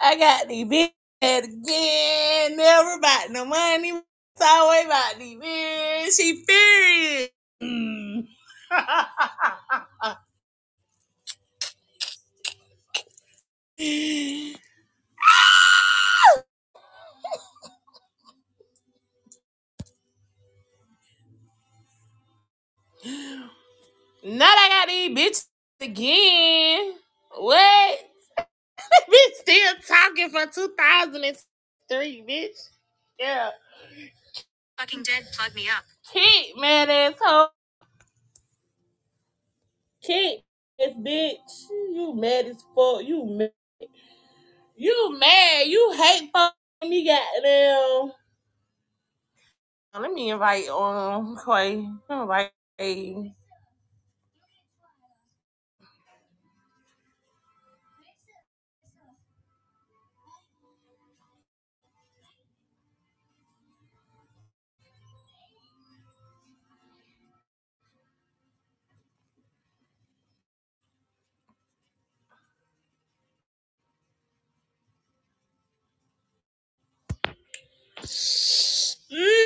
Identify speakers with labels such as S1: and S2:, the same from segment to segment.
S1: I got the big head again. Never about no money. It's always about the bitch. She furious. Mm. Not I got these bitches again. What? bitch still talking for 2003, bitch. Yeah. Fucking dead, plug me up. Keep mad asshole. Keep this bitch. You mad as fuck. You mad. You mad. You hate fucking me goddamn. Let me invite um Clay. Let me invite Clay. Mm,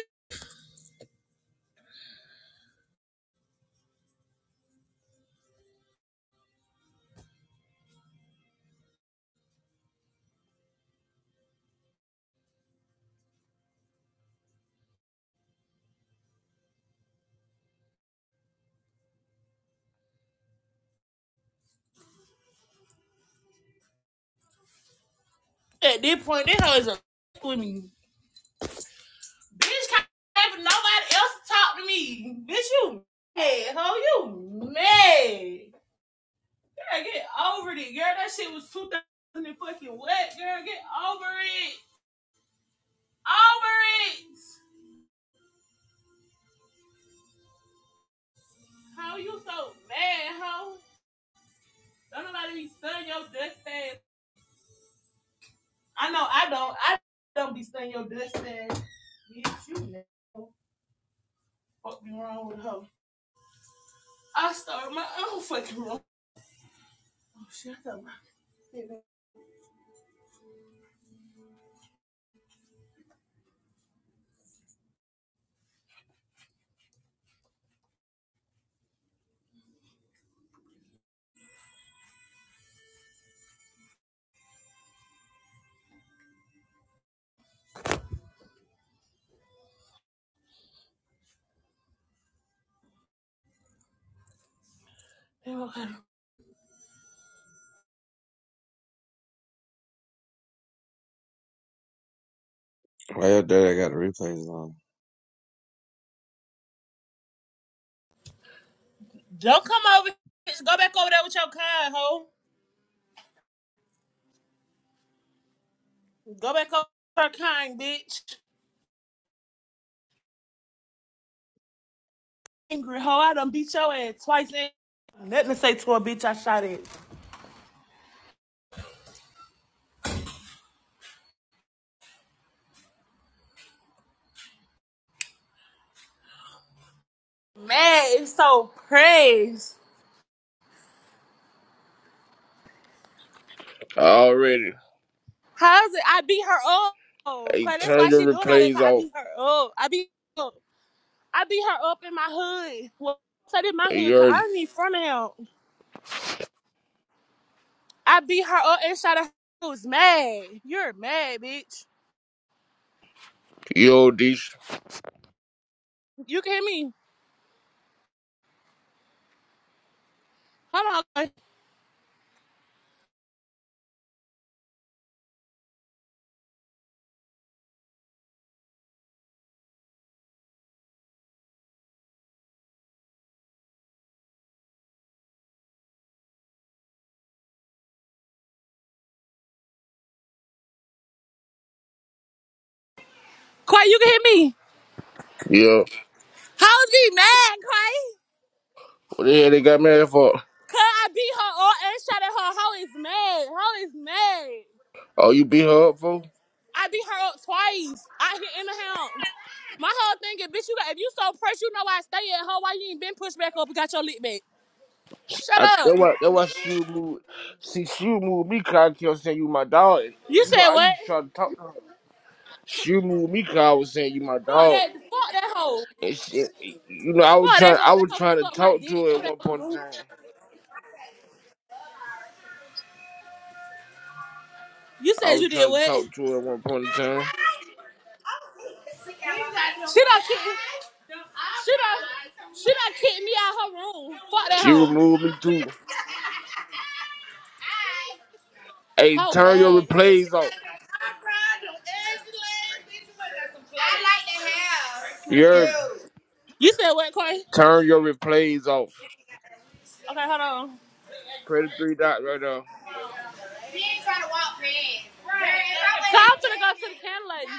S1: at this point, that hoe is a with me. Bitch can't have nobody else to talk to me. Bitch, you mad, hoe, you mad. Girl, get over it. Girl, that shit was 2000 and fucking what? Girl, get over it. Over it. How you so mad, hoe? Don't nobody be stunning your dust ass. I know I don't. I don't be stunning your dust ass. Bitch, you mad. fucking wrong with her. I started my own fucking wrong. Oh shit, I got my Okay.
S2: Why your daddy got the replays on?
S1: Don't come over. Just go back over there with your kind, ho. Go back over her kind, bitch. Angry ho, I done beat your ass twice. in. let me say to a bitch, I shot it. Man, it's so praise.
S3: Already.
S1: How's it? I beat her up. Cause
S3: Hey,
S1: that's
S3: turn
S1: why
S3: your
S1: she doing all that.
S3: replays
S1: Cause I
S3: off.
S1: beat her up. I beat her up. I beat her up in my hood. Well, I did my
S3: Hey, you
S1: hood. Cause
S3: heard me?
S1: I'm in front of him. I beat her up and shot her. I was mad. You're mad, bitch.
S3: You old dish.
S1: You can hit me. Hold on, Quay. you can hit me.
S3: Yeah.
S1: Hoes be mad, Quay.
S3: What the hell they got mad for?
S1: Cause I beat her up and shot at her. Ho is mad. Ho is mad.
S3: Oh, you beat her up for?
S1: I beat her up twice. I hit in the house. My whole thing is, bitch, you got, if you so pressed, you know I stay at home. Why you ain't been pushed back up and got your lick back? Shut
S3: I,
S1: up.
S3: that why that why she moved. See, she moved me. Cause I kept saying you my dog. And,
S1: You
S3: you know,
S1: said
S3: I
S1: what?
S3: used to try to talk to her. She moved me. Cause I was saying you my
S1: Fuck
S3: dog.
S1: that. Fuck that hoe.
S3: And she, you know, I was
S1: Fuck that
S3: trying. I
S1: hoe. That
S3: was
S1: hoe can
S3: trying to
S1: suck my
S3: talk
S1: dick.
S3: to her at one point in time.
S1: You
S3: I
S1: said
S3: was
S1: you did
S3: trying to
S1: what?
S3: talk to her at one point in time.
S1: She done kicked me. She done, she done kicked me out her room. Fuck that
S3: She
S1: hoe.
S3: removed me too. Hey,
S1: Ho
S3: turn your
S1: mad.
S3: replays off. You heard me?
S1: You said what, Corey?
S3: Turn your replays off.
S1: Okay, hold on.
S3: Press the three dots right there.
S1: Cause I'm finna go to the candlelight.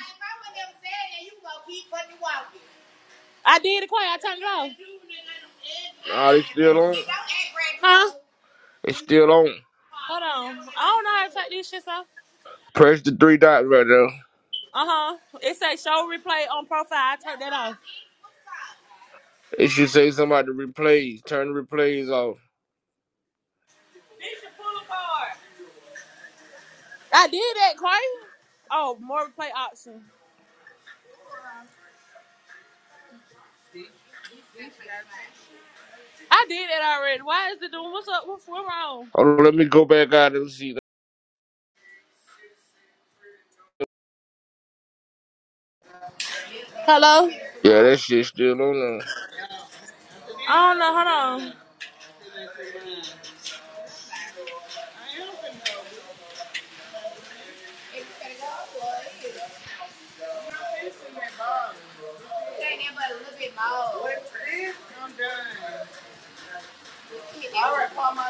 S1: I did it quiet. I turned it off.
S3: Nah, it's still on.
S1: Huh?
S3: It's still on.
S1: Hold on. I don't know how to take these shits off.
S3: Press the three dots right there.
S1: Uh huh. It says show replay on profile. I turned that off.
S3: It should say somebody replays. Turn the replays off.
S1: I did that, Corey. Oh, more replay option. I did that already. Why is it doing? What's up? What's what's wrong?
S3: Hold on, let me go back out and see. that.
S1: Hello.
S3: Yeah, that shit still on
S1: I don't know. Hold on.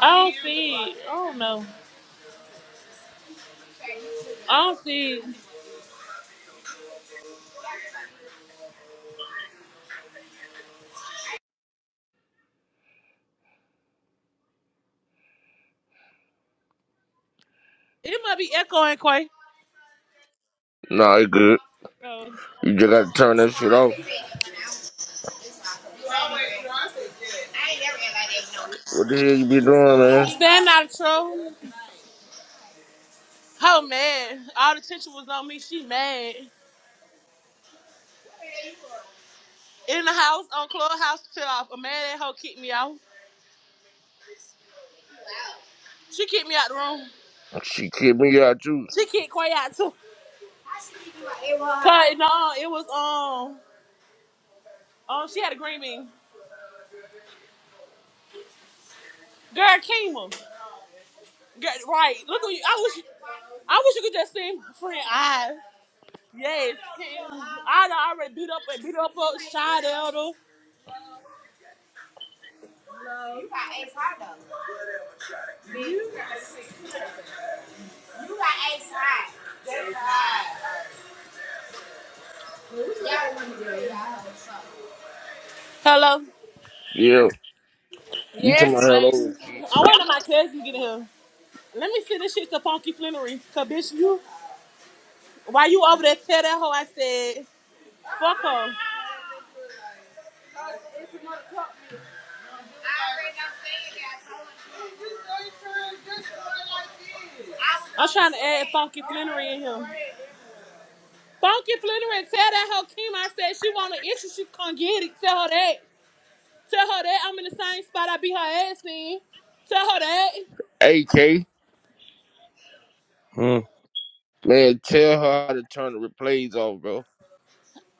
S1: I don't see it. I don't know. I don't see. It might be echoing, Quay.
S3: there. Nah, it's good.
S1: Oh.
S3: You just gotta turn that shit off. What the hell you be doing, man?
S1: Stand out of trouble. Oh man, all the attention was on me. She mad. In the house on clubhouse till off. A man that hoe kicked me out. She kicked me out the room.
S3: She kicked me out too.
S1: She kicked Quay out too. Cause no, it was um um she had a green bean. Girl Kima. Girl, right. Look at you. I wish I wish you could just see my friend I. Yes. I done already beat up and beat up up Shy Elder. You got ace high though. You got ace high. Ace high. Hello.
S3: Yeah, you took
S1: Yes,
S3: my hell over.
S1: Clayton. I wonder my cousin get here. Let me see this shit to Punky Flannery. Cause bitch, you why you over there tell that hoe I said fuck her. I'm trying to add Funky Flannery in here. Funky Flannery, tell that hoe Kim I said she want an issue, she can not get it. Tell her that. Tell her that I'm in the same spot I beat her ass in. Tell her that.
S3: AK,
S2: Hmm.
S3: man, tell her how to turn the replays off, bro.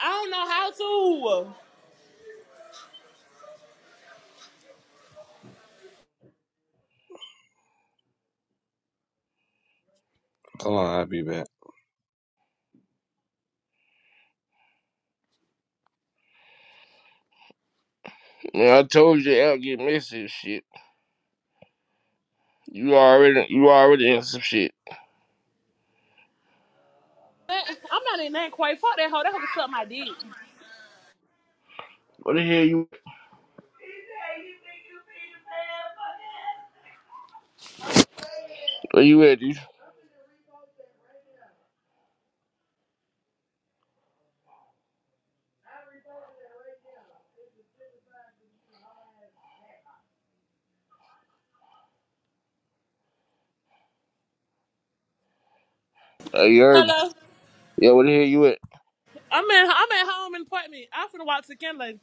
S1: I don't know how to.
S2: Hold on, I'll be back.
S3: Man, I told you, I'll get messy and shit. You already, you already in some shit.
S1: I'm not in that quite. Fuck that hoe. That hoe can suck my dick.
S3: What the hell you Where you at, dude? Uh, you heard me.
S1: Hello.
S3: Yeah, where the hell you at?
S1: I'm in. I'm at home in the apartment. I'm finna walk to Kenley.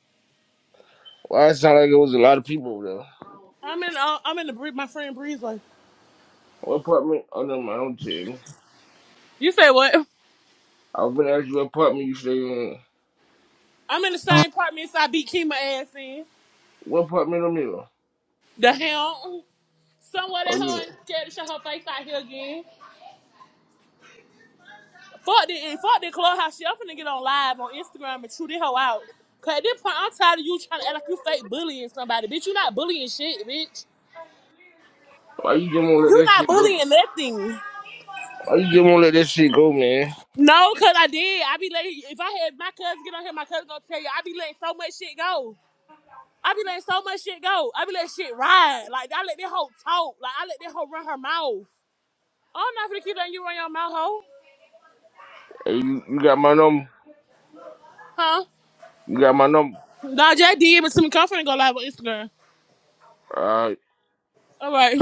S3: Why it sound like it was a lot of people over there?
S1: I'm in. Uh, I'm in the Bree- my friend Breeze. Like
S3: What apartment? Oh, no, my own team.
S1: you say what?
S3: I was gonna ask you what apartment you stay in.
S1: I'm in the same apartment so I beat Kima ass in.
S3: What apartment I'm in?
S1: The hell. Somewhere
S3: Oh,
S1: that hoe
S3: you,
S1: ain't scared to show her face out here again. Fuck the fuck the clubhouse shit. I'm finna get on live on Instagram and chew this hoe out. Cause at this point I'm tired of you trying to act like you fake bullying somebody. Bitch, you not bullying shit, bitch.
S3: why you just won't let
S1: You
S3: that
S1: not
S3: shit go?
S1: bullying nothing.
S3: Why you just won't let that shit go, man?
S1: No, cause I did. I be letting if I had my cousin get on here, my cousin gonna tell you I be letting so much shit go. I be letting so much shit go. I be letting shit ride. Like I let this hoe talk. Like I let this hoe run her mouth. I'm not gonna keep letting you run your mouth, hoe.
S3: Hey, you, you got my number?
S1: Huh?
S3: You got my number?
S1: Nah, J D, but some to me. Come go live on Instagram.
S3: Uh,
S1: All right.